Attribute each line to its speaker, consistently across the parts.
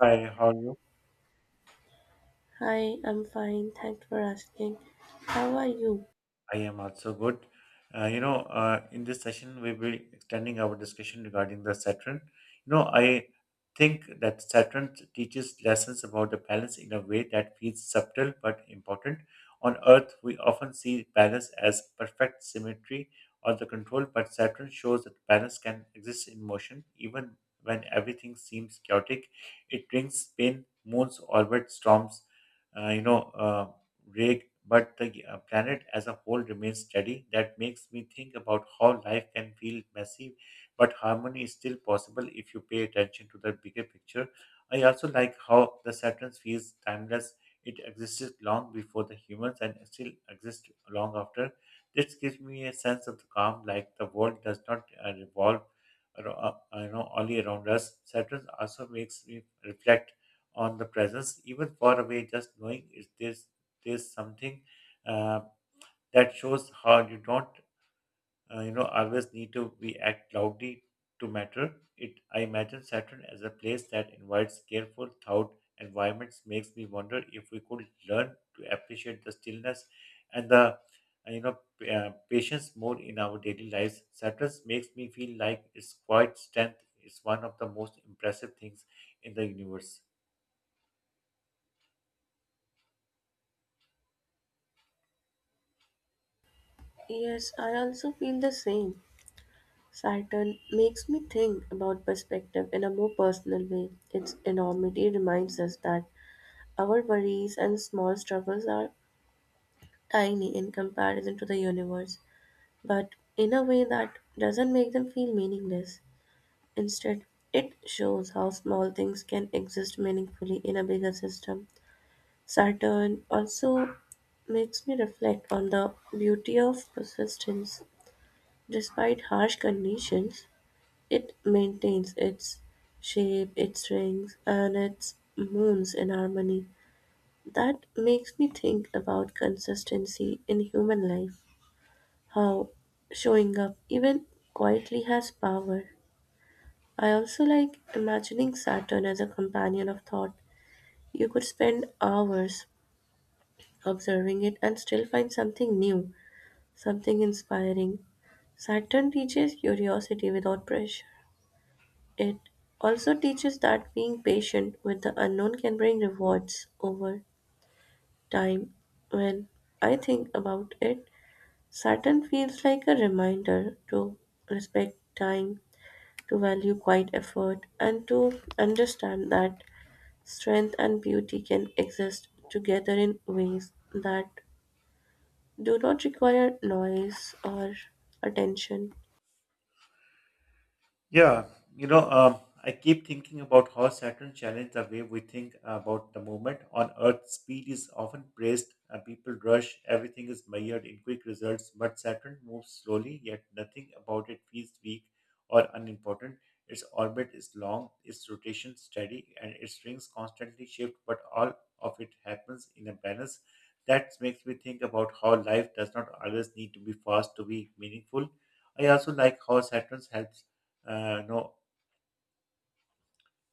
Speaker 1: Hi, how are you?
Speaker 2: Hi, I'm fine. Thanks for asking. How are you?
Speaker 1: I am also good. In this session, we will be extending our discussion regarding the Saturn. I think that Saturn teaches lessons about the balance in a way that feels subtle but important. On Earth, we often see balance as perfect symmetry or the control, but Saturn shows that balance can exist in motion, even when everything seems chaotic. It brings pain, moons, orbit, storms, uh, you know. Uh, break, but the planet as a whole remains steady. That makes me think about how life can feel messy, but harmony is still possible if you pay attention to the bigger picture. I also like how the Saturn feels timeless. It existed long before the humans and still exists long after. This gives me a sense of calm, like the world does not revolve aro- only around us. Saturn also makes me reflect on the presence, even far away, just knowing is this is something uh, that shows how you don't always need to be act loudly to matter. It, I imagine Saturn as a place that invites careful thought environments. Makes me wonder if we could learn to appreciate the stillness and the patience more in our daily lives. Saturn makes me feel like its quiet strength is one of the most impressive things in the universe.
Speaker 2: Yes, I also feel the same. Saturn makes me think about perspective in a more personal way. Its enormity reminds us that our worries and small struggles are tiny in comparison to the universe, but in a way that doesn't make them feel meaningless. Instead, it shows how small things can exist meaningfully in a bigger system. Saturn also makes me reflect on the beauty of persistence. Despite harsh conditions, it maintains its shape, its rings, and its moons in harmony. That makes me think about consistency in human life, how showing up even quietly has power. I also like imagining Saturn as a companion of thought. You could spend hours observing it and still find something new, something inspiring. Saturn teaches curiosity without pressure. It also teaches that being patient with the unknown can bring rewards over time. When I think about it, Saturn feels like a reminder to respect time, to value quiet effort, and to understand that strength and beauty can exist together in ways that do not require noise or attention.
Speaker 1: Yeah, I keep thinking about how Saturn challenged the way we think about the moment. On Earth, speed is often praised, people rush, everything is measured in quick results, but Saturn moves slowly, yet nothing about it feels weak or unimportant. Its orbit is long, its rotation steady, and its rings constantly shift, but all of it happens in a balance. That makes me think about how life does not always need to be fast to be meaningful. I also like how Saturn helps no,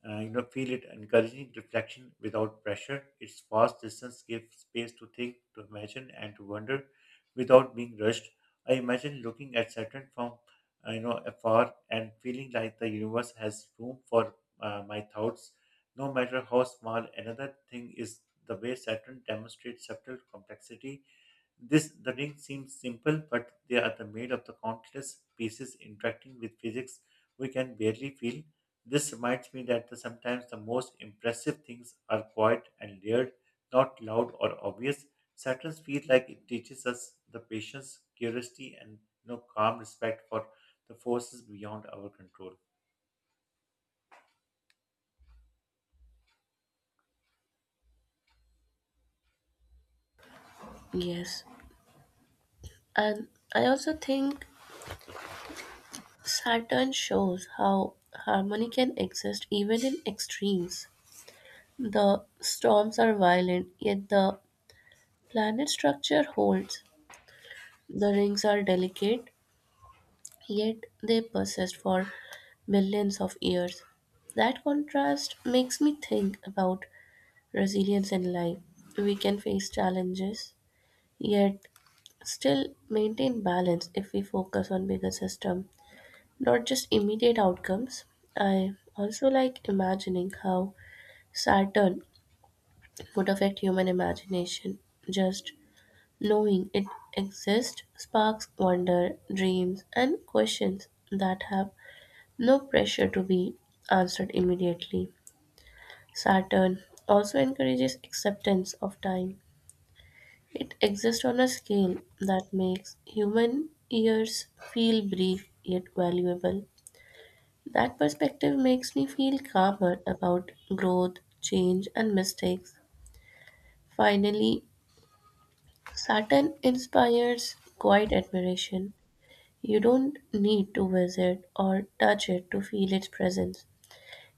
Speaker 1: you know, feel it encouraging reflection without pressure. Its vast distance gives space to think, to imagine, and to wonder without being rushed. I imagine looking at Saturn from afar and feeling like the universe has room for my thoughts, no matter how small. Another thing is the way Saturn demonstrates subtle complexity, this the ring seems simple, but they are the made of the countless pieces interacting with physics we can barely feel. This reminds me that sometimes the most impressive things are quiet and layered, not loud or obvious. Saturns feel like it teaches us the patience, curiosity, and calm respect for the forces beyond our control.
Speaker 2: Yes, and I also think Saturn shows how harmony can exist even in extremes. The storms are violent, yet the planet structure holds. The rings are delicate, yet they persist for millions of years. That contrast makes me think about resilience in life. We can face challenges, yet still maintain balance if we focus on bigger system, not just immediate outcomes. I also like imagining how Saturn would affect human imagination. Just knowing it exists sparks wonder, dreams, and questions that have no pressure to be answered immediately. Saturn also encourages acceptance of time. It exists on a scale that makes human years feel brief yet valuable. That perspective makes me feel calmer about growth, change, and mistakes. Finally, Saturn inspires quiet admiration. You don't need to visit or touch it to feel its presence.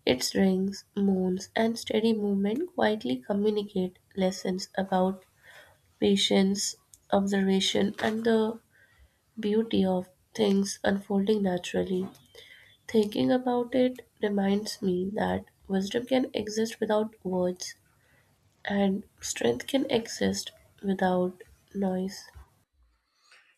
Speaker 2: Its rings, moons, and steady movement quietly communicate lessons about patience, observation, and the beauty of things unfolding naturally. Thinking about it reminds me that wisdom can exist without words and strength can exist without noise.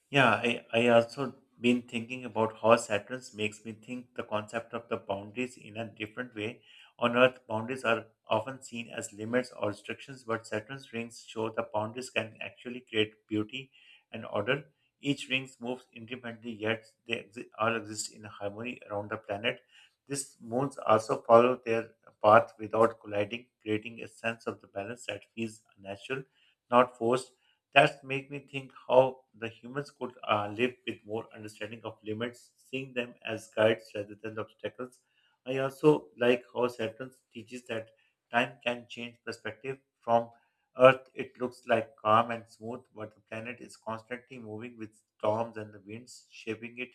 Speaker 1: Yeah, I also been thinking about how Saturn makes me think the concept of the boundaries in a different way. On Earth, boundaries are often seen as limits or restrictions, but Saturn's rings show the boundaries can actually create beauty and order. Each ring moves independently, yet they all exist in harmony around the planet. These moons also follow their path without colliding, creating a sense of the balance that feels natural, not forced. That made me think how the humans could live with more understanding of limits, seeing them as guides rather than obstacles. I also like how Saturn teaches that time can change perspective. From Earth, it looks like calm and smooth, but the planet is constantly moving with storms and the winds shaping it.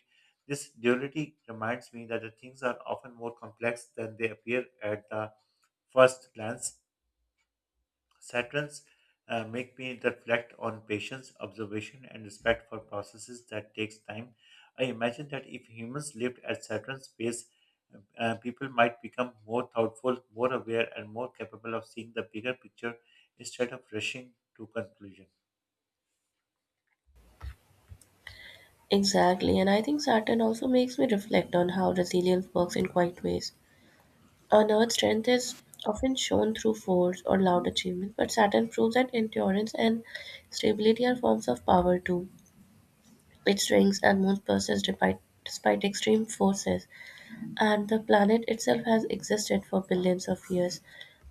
Speaker 1: This duality reminds me that the things are often more complex than they appear at the first glance. Saturn's make me reflect on patience, observation, and respect for processes that takes time. I imagine that if humans lived at Saturn's pace, people might become more thoughtful, more aware, and more capable of seeing the bigger picture instead of rushing to conclusion.
Speaker 2: Exactly, and I think Saturn also makes me reflect on how resilience works in quiet ways. On Earth, strength is often shown through force or loud achievement, but Saturn proves that endurance and stability are forms of power too. It strengths and moves persist despite extreme forces, and the planet itself has existed for billions of years.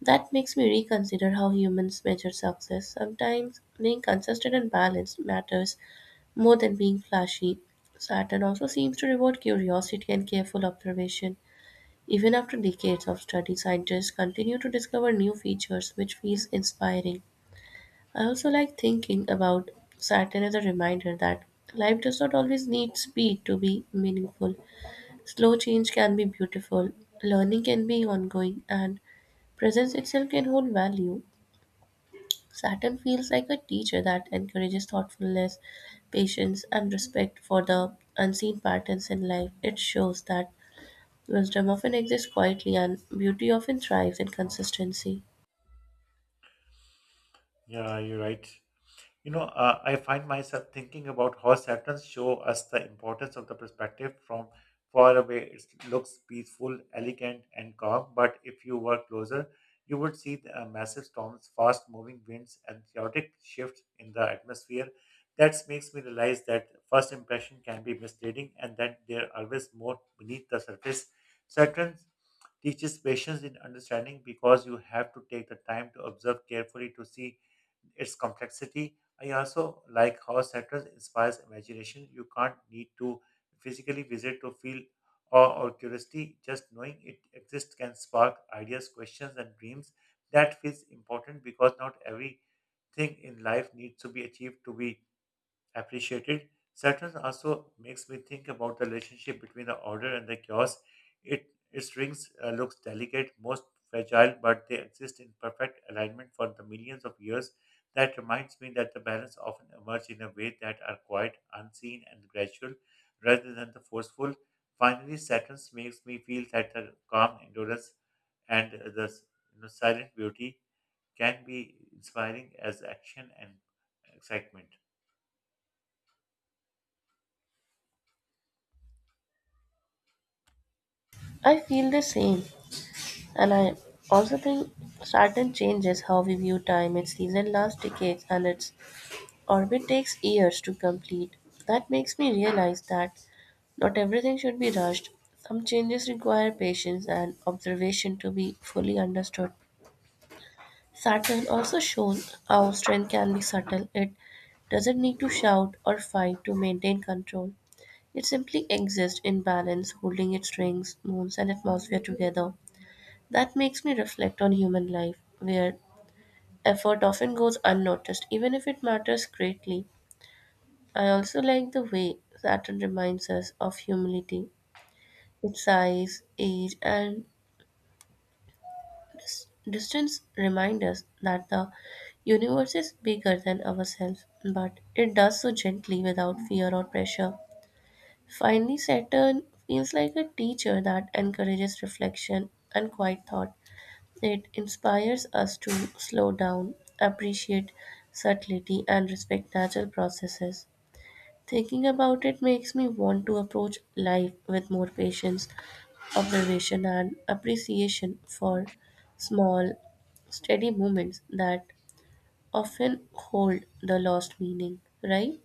Speaker 2: That makes me reconsider how humans measure success. Sometimes being consistent and balanced matters more than being flashy. Saturn also seems to reward curiosity and careful observation. Even after decades of study, scientists continue to discover new features, which feels inspiring. I also like thinking about Saturn as a reminder that life does not always need speed to be meaningful. Slow change can be beautiful, learning can be ongoing, and presence itself can hold value. Saturn feels like a teacher that encourages thoughtfulness, patience, and respect for the unseen patterns in life. It shows that wisdom often exists quietly and beauty often thrives in consistency.
Speaker 1: Yeah, you're right. I find myself thinking about how Saturns show us the importance of the perspective from far away. It looks peaceful, elegant, and calm, but if you were closer, you would see the massive storms, fast moving winds, and chaotic shifts in the atmosphere. That makes me realize that first impression can be misleading and that there are always more beneath the surface. Saturn teaches patience in understanding because you have to take the time to observe carefully to see its complexity. I also like how Saturn inspires imagination. You can't need to physically visit to feel awe or curiosity. Just knowing it exists can spark ideas, questions, and dreams. That feels important because not everything in life needs to be achieved to be appreciated. Saturn also makes me think about the relationship between the order and the chaos. It its rings looks delicate, most fragile, but they exist in perfect alignment for the millions of years. That reminds me that the balance often emerge in a way that are quiet, unseen, and gradual, rather than the forceful. Finally, Saturn makes me feel that the calm endurance and the silent beauty can be inspiring as action and excitement.
Speaker 2: I feel the same, and I also think Saturn changes how we view time. Its season lasts decades, and its orbit takes years to complete. That makes me realize that not everything should be rushed. Some changes require patience and observation to be fully understood. Saturn also shown how strength can be subtle. It doesn't need to shout or fight to maintain control. It simply exists in balance, holding its rings, moons, and atmosphere together. That makes me reflect on human life, where effort often goes unnoticed, even if it matters greatly. I also like the way Saturn reminds us of humility. Its size, age, and distance reminds us that the universe is bigger than ourselves, but it does so gently without fear or pressure. Finally, Saturn feels like a teacher that encourages reflection and quiet thought. It inspires us to slow down, appreciate subtlety, and respect natural processes. Thinking about it makes me want to approach life with more patience observation and appreciation for small, steady moments that often hold the lost meaning, right?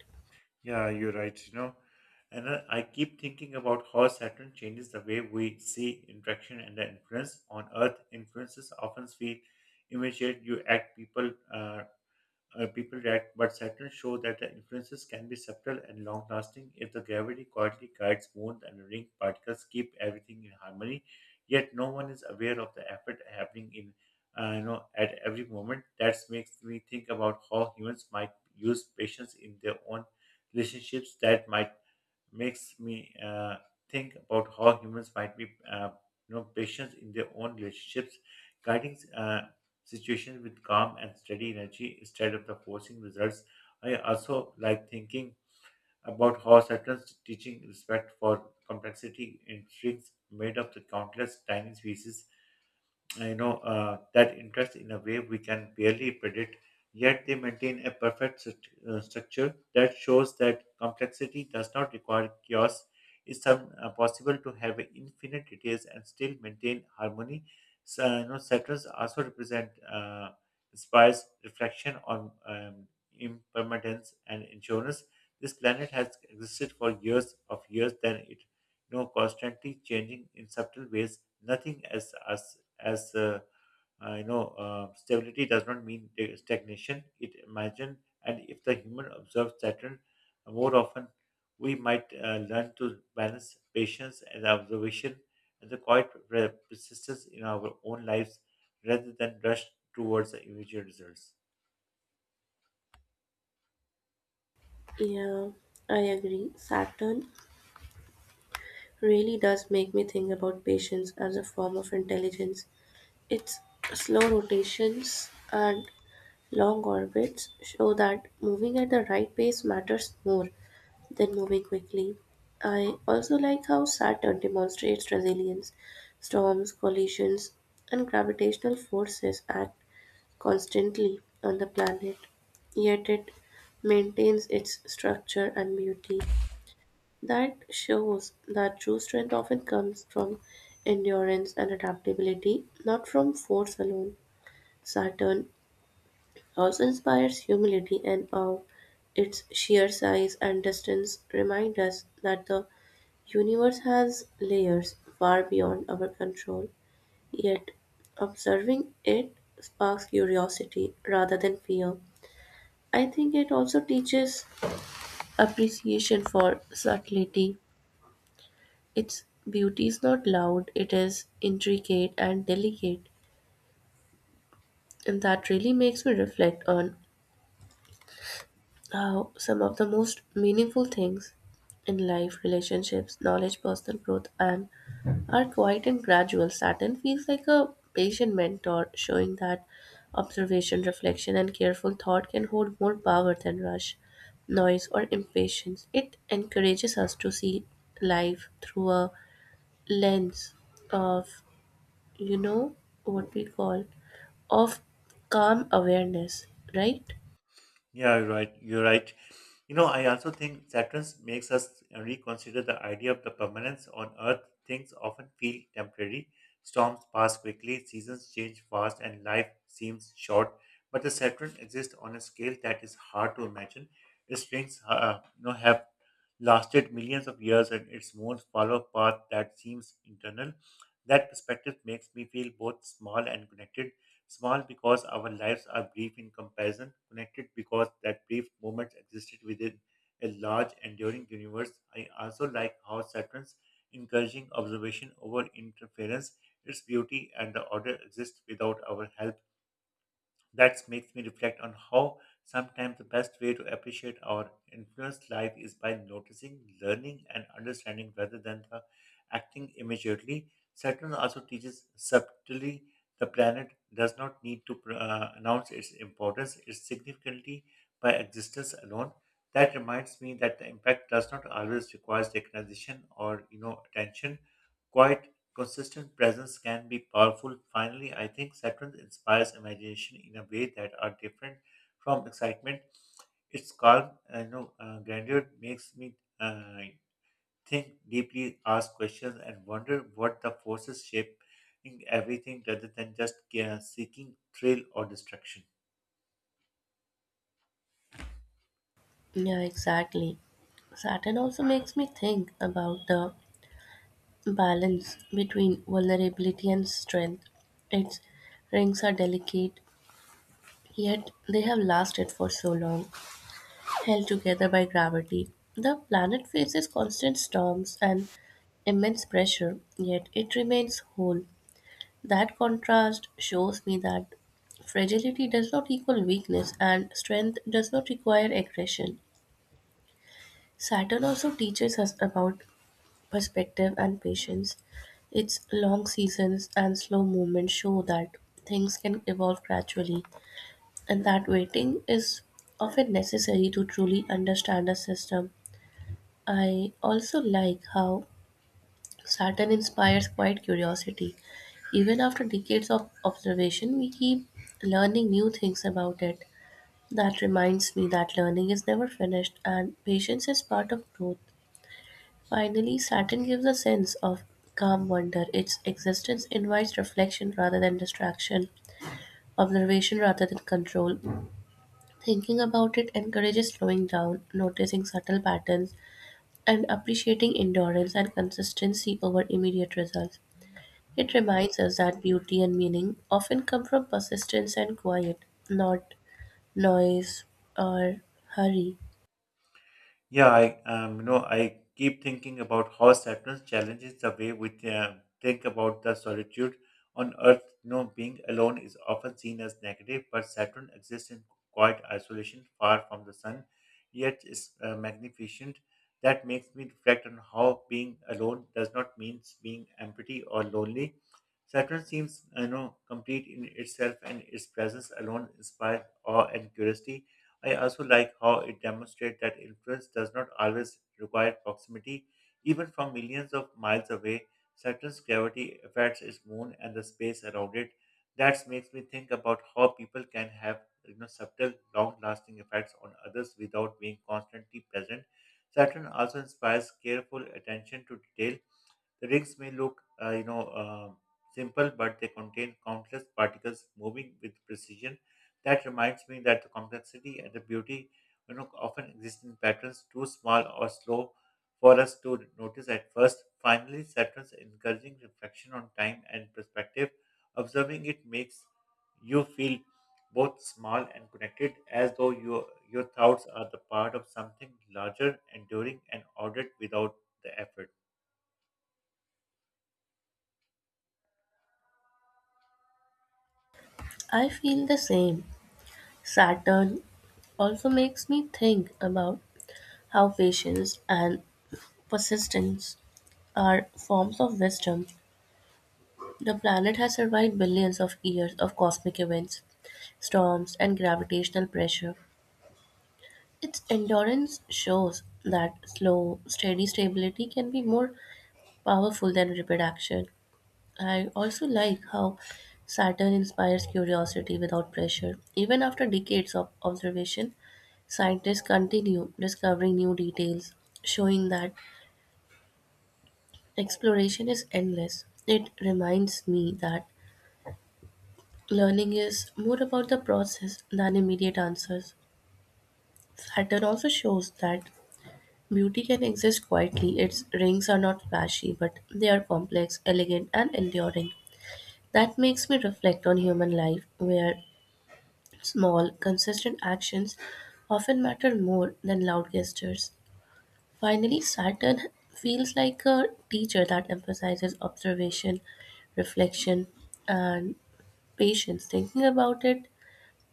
Speaker 1: Yeah, you're right. And I keep thinking about how Saturn changes the way we see interaction and the influence on Earth. Influences often feel immediate. You act people react, but Saturn shows that the influences can be subtle and long lasting. If the gravity quietly guides moons and ring particles, keep everything in harmony, yet no one is aware of the effort happening in at every moment. That makes me think about how humans might use patience in their own relationships, that might makes me think about how humans might be patient in their own relationships, guiding situations with calm and steady energy instead of the forcing results. I also like thinking about how Saturn's teaching respect for complexity intrigues made up the countless tiny species, that interest in a way we can barely predict, yet they maintain a perfect structure that shows that complexity does not require chaos. It's some, possible to have infinite details and still maintain harmony. So saturns also represent, inspires reflection on impermanence and insurance. This planet has existed for years of years, then it constantly changing in subtle ways, nothing as us as stability does not mean the stagnation. It imagine, and if the human observes Saturn more often, we might learn to balance patience and observation and the quiet persistence in our own lives rather than rush towards the immediate results.
Speaker 2: Yeah, I agree. Saturn really does make me think about patience as a form of intelligence. Its slow rotations and long orbits show that moving at the right pace matters more then moving quickly. I also like how Saturn demonstrates resilience. Storms, collisions, and gravitational forces act constantly on the planet, yet it maintains its structure and beauty. That shows that true strength often comes from endurance and adaptability, not from force alone. Saturn also inspires humility and awe. Its sheer size and distance remind us that the universe has layers far beyond our control, yet observing it sparks curiosity rather than fear. I think it also teaches appreciation for subtlety. Its beauty is not loud, it is intricate and delicate, and that really makes me reflect on now, some of the most meaningful things in life, relationships, knowledge, personal growth, and are quiet and gradual. Saturn feels like a patient mentor, showing that observation, reflection, and careful thought can hold more power than rush, noise, or impatience. It encourages us to see life through a lens of, you know, what we call of calm awareness, right?
Speaker 1: Yeah, you're right. You're right. I also think Saturn makes us reconsider the idea of the permanence on Earth. Things often feel temporary. Storms pass quickly, seasons change fast, and life seems short. But the Saturn exists on a scale that is hard to imagine. Its rings have lasted millions of years and its moon's follow a path that seems internal. That perspective makes me feel both small and connected. Small because our lives are brief in comparison, connected because that brief moment existed within a large, enduring universe. I also like how Saturn's encouraging observation over interference, its beauty and the order exist without our help. That makes me reflect on how sometimes the best way to appreciate our influenced life is by noticing, learning, and understanding rather than the acting immediately. Saturn also teaches subtly the planet does not need to announce its importance, its significantly by existence alone. That reminds me that the impact does not always require recognition or attention. Quite Consistent presence can be powerful. Finally, I think Saturn inspires imagination in a way that are different from excitement. Its calm and grandeur makes me think deeply, ask questions, and wonder what the forces shaping everything rather than just seeking thrill or distraction.
Speaker 2: Yeah, exactly. Saturn also makes me think about the balance between vulnerability and strength. Its rings are delicate, yet they have lasted for so long, held together by gravity. The planet faces constant storms and immense pressure, yet it remains whole. That contrast shows me that fragility does not equal weakness and strength does not require aggression. Saturn also teaches us about perspective and patience. Its long seasons and slow movement show that things can evolve gradually, and that waiting is often necessary to truly understand a system. I also like how Saturn inspires quiet curiosity. Even after decades of observation, we keep learning new things about it. That reminds me that learning is never finished and patience is part of growth. Finally, Saturn gives a sense of calm wonder. Its existence invites reflection rather than distraction, observation rather than control. Thinking about it encourages slowing down, noticing subtle patterns, and appreciating endurance and consistency over immediate results. It reminds us that beauty and meaning often come from persistence and quiet, not noise or hurry.
Speaker 1: Yeah, I I keep thinking about how Saturn challenges the way we think about the solitude on Earth. You know, being alone is often seen as negative, but Saturn exists in quiet isolation, far from the sun, yet is magnificent. That makes me reflect on how being alone does not mean being empty or lonely. Saturn seems, you know, complete in itself, and its presence alone inspires awe and curiosity. I also like how it demonstrates that influence does not always require proximity. Even from millions of miles away, Saturn's gravity affects its moon and the space around it. That makes me think about how people can have, you know, subtle, long-lasting effects on others without being constantly present. Saturn also inspires careful attention to detail, the rings may look simple, but they contain countless particles moving with precision. That reminds me that the complexity and the beauty, often exist in patterns too small or slow for us to notice at first. Finally, Saturn's encouraging reflection on time and perspective. Observing it makes you feel both small and connected, as though your thoughts are the part of something larger, enduring, and ordered without the effort.
Speaker 2: I feel the same. Saturn also makes me think about how patience and persistence are forms of wisdom. The planet has survived billions of years of cosmic events, storms, and gravitational pressure. Its endurance shows that slow, steady stability can be more powerful than rapid action. I also like how Saturn inspires curiosity without pressure. Even after decades of observation, scientists continue discovering new details, showing that exploration is endless. It reminds me that learning is more about the process than immediate answers. Saturn also shows that beauty can exist quietly. Its rings are not flashy, but they are complex, elegant, and enduring. That makes me reflect on human life, where small, consistent actions often matter more than loud gestures. Finally, Saturn feels like a teacher that emphasizes observation, reflection, and patience. Thinking about it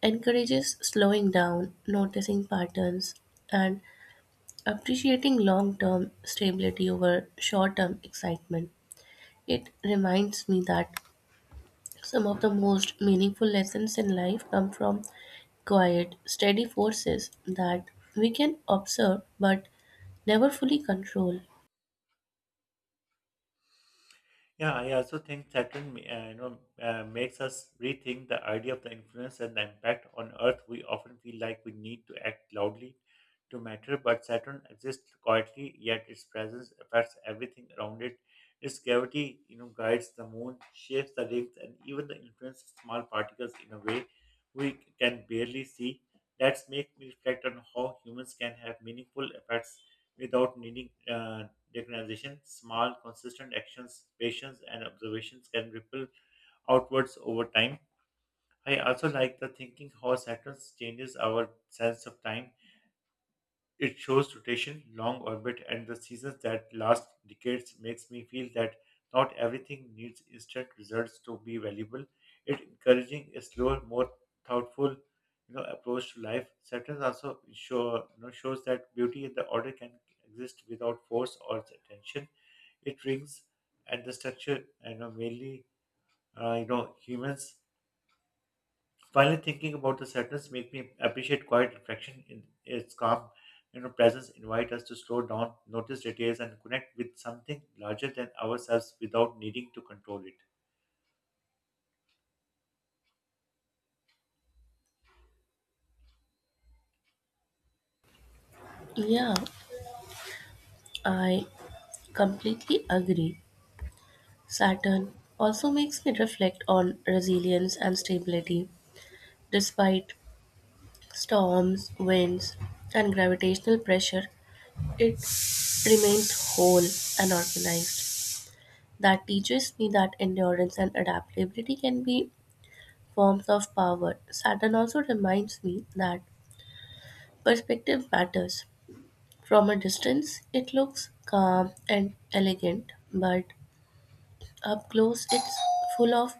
Speaker 2: encourages slowing down, noticing patterns, and appreciating long term stability over short term excitement. It reminds me that some of the most meaningful lessons in life come from quiet, steady forces that we can observe but never fully control.
Speaker 1: Yeah, I also think Saturn, makes us rethink the idea of the influence and the impact on Earth. We often feel like we need to act loudly to matter, but Saturn exists quietly, yet its presence affects everything around it. Its gravity, guides the moon, shapes the rings, and even the influence of small particles in a way we can barely see. That makes me reflect on how humans can have meaningful effects without needing recognition. Small, consistent actions, patience, and observations can ripple outwards over time. I also like the thinking how Saturn changes our sense of time. It shows rotation, long orbit, and the seasons that last decades makes me feel that not everything needs instant results to be valuable. It encouraging a slower, more thoughtful, approach to life. Saturn also shows that beauty and the order can exist without force or attention. It rings at the structure, and mainly, humans. Finally, thinking about the sadness make me appreciate quiet reflection in its calm, presence invite us to slow down, notice details, and connect with something larger than ourselves without needing to control it.
Speaker 2: Yeah, I completely agree. Saturn also makes me reflect on resilience and stability. Despite storms, winds, and gravitational pressure, it remains whole and organized. That teaches me that endurance and adaptability can be forms of power. Saturn also reminds me that perspective matters. From a distance, it looks calm and elegant, but up close, it's full of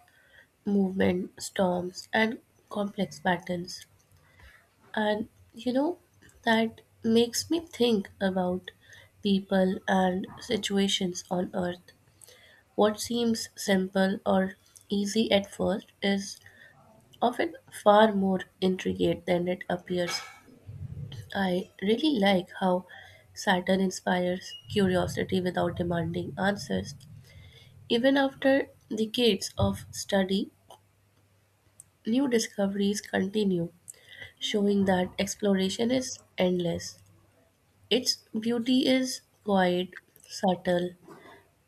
Speaker 2: movement, storms, and complex patterns. And you know that makes me think about people and situations on earth. What seems simple or easy at first is often far more intricate than it appears. I really like how Saturn inspires curiosity without demanding answers. Even after decades of study, new discoveries continue, showing that exploration is endless. Its beauty is quiet, subtle,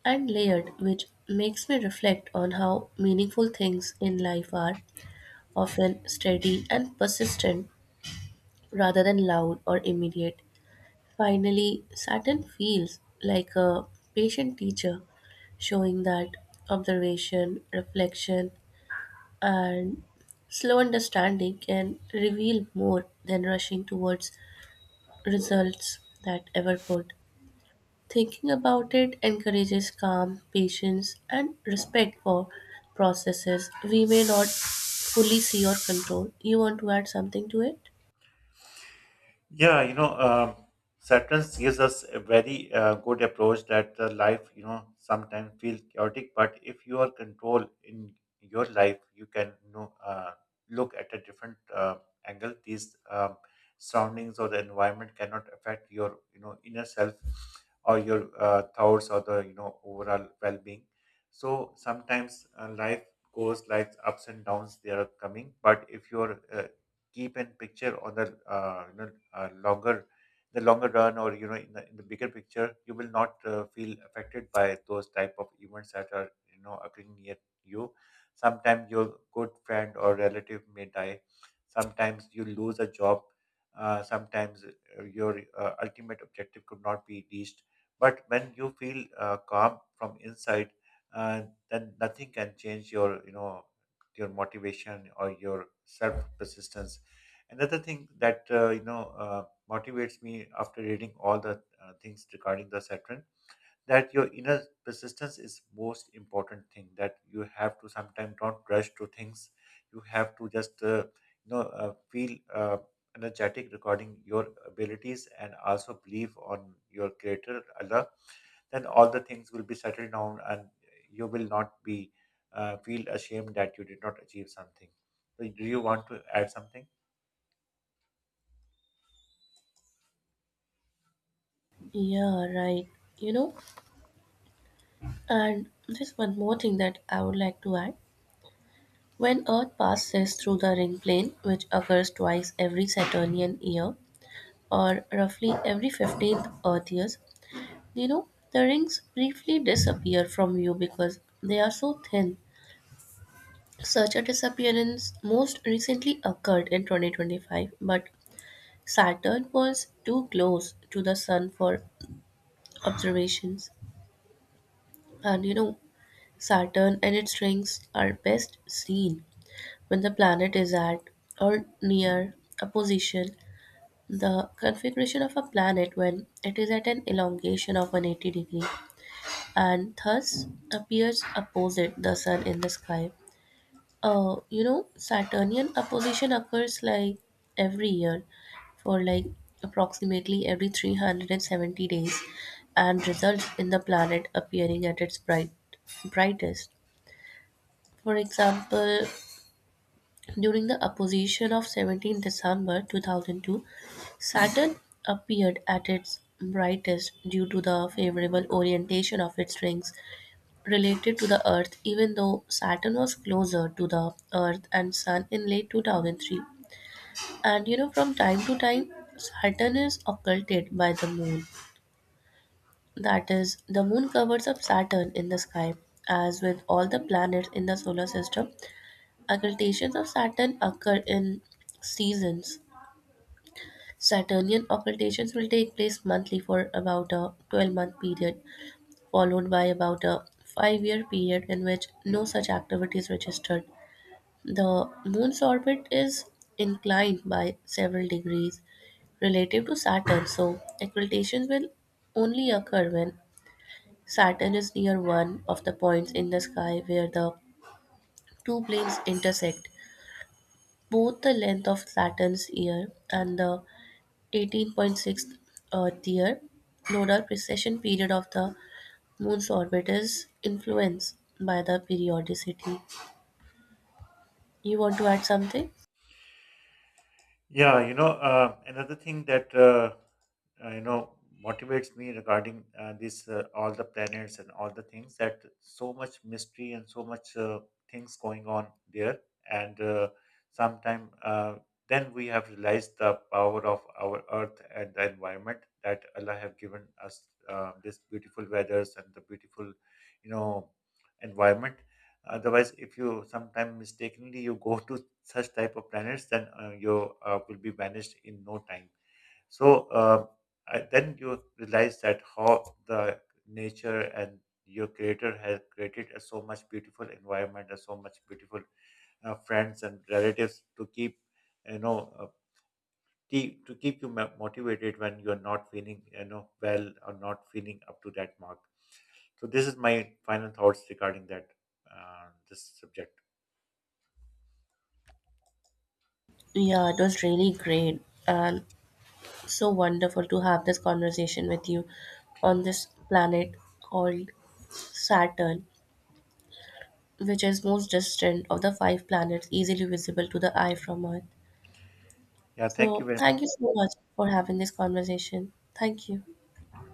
Speaker 2: and layered, which makes me reflect on how meaningful things in life are, often steady and persistent rather than loud or immediate. Finally, Saturn feels like a patient teacher, showing that observation, reflection, and slow understanding can reveal more than rushing towards results that ever could. Thinking about it encourages calm, patience, and respect for processes we may not fully see or control. You want to add something to it?
Speaker 1: Yeah, Saturns gives us a very good approach that life, sometimes feel chaotic, but if you are control in your life, you can look at a different angle. These surroundings or the environment cannot affect your, inner self or your thoughts or the overall well-being. So sometimes life goes like ups and downs. They are coming, but if you're keep and picture on the longer run or you know in the bigger picture you will not feel affected by those type of events that are you know occurring near you. Sometimes your good friend or relative may die, sometimes you lose a job, sometimes your ultimate objective could not be reached, but when you feel calm from inside, uh, then nothing can change your your motivation or your self persistence. Another thing that motivates me after reading all the things regarding the Saturn, that your inner persistence is most important thing, that you have to sometimes not rush to things. You have to just you know feel energetic regarding your abilities and also believe on your creator Allah. Then all the things will be settled down and you will not be feel ashamed that you did not achieve something. So do you want to add something?
Speaker 2: Yeah, right. You know, and there's one more thing that I would like to add. When Earth passes through the ring plane, which occurs twice every Saturnian year, or roughly every 15th Earth years, the rings briefly disappear from view because they are so thin. Such a disappearance most recently occurred in 2025, but Saturn was too close to the Sun for observations. And you know, Saturn and its rings are best seen when the planet is at or near a position. The configuration of a planet when it is at an elongation of 180 degree and thus appears opposite the sun in the sky. Saturnian opposition occurs like every year for like approximately every 370 days and results in the planet appearing at its brightest. For example, during the opposition of 17 December 2002, Saturn appeared at its brightest due to the favorable orientation of its rings related to the Earth, even though Saturn was closer to the Earth and Sun in late 2003. From time to time, Saturn is occulted by the Moon. That is, the Moon covers up Saturn in the sky. As with all the planets in the solar system, occultations of Saturn occur in seasons. Saturnian occultations will take place monthly for about a 12-month period, followed by about a 5-year period in which no such activity is registered. The Moon's orbit is inclined by several degrees relative to Saturn, so occultations will only occur when Saturn is near one of the points in the sky where the two planes intersect. Both the length of Saturn's year and the 18.6 Earth year nodal precession period of the Moon's orbit is influenced by the periodicity. You want to add something?
Speaker 1: Yeah, another thing that uh, you know motivates me regarding this all the planets and all the things, that so much mystery and so much things going on there, and sometime then we have realized the power of our Earth and the environment that Allah have given us this beautiful weathers and the beautiful, you know, environment. Otherwise, if you sometime mistakenly you go to such type of planets, then you will be vanished in no time. So then you realize that how the nature and your creator has created a so much beautiful environment, and so much beautiful friends and relatives to keep you know uh, to keep you motivated when you are not feeling well or not feeling up to that mark. So this is my final thoughts regarding that this subject.
Speaker 2: Yeah, it was really great. And so wonderful to have this conversation with you on this planet called Saturn, which is most distant of the five planets easily visible to the eye from Earth.
Speaker 1: Yeah, thank you
Speaker 2: So,
Speaker 1: very much.
Speaker 2: thank you so much for having this conversation. Thank you.
Speaker 1: Thank you.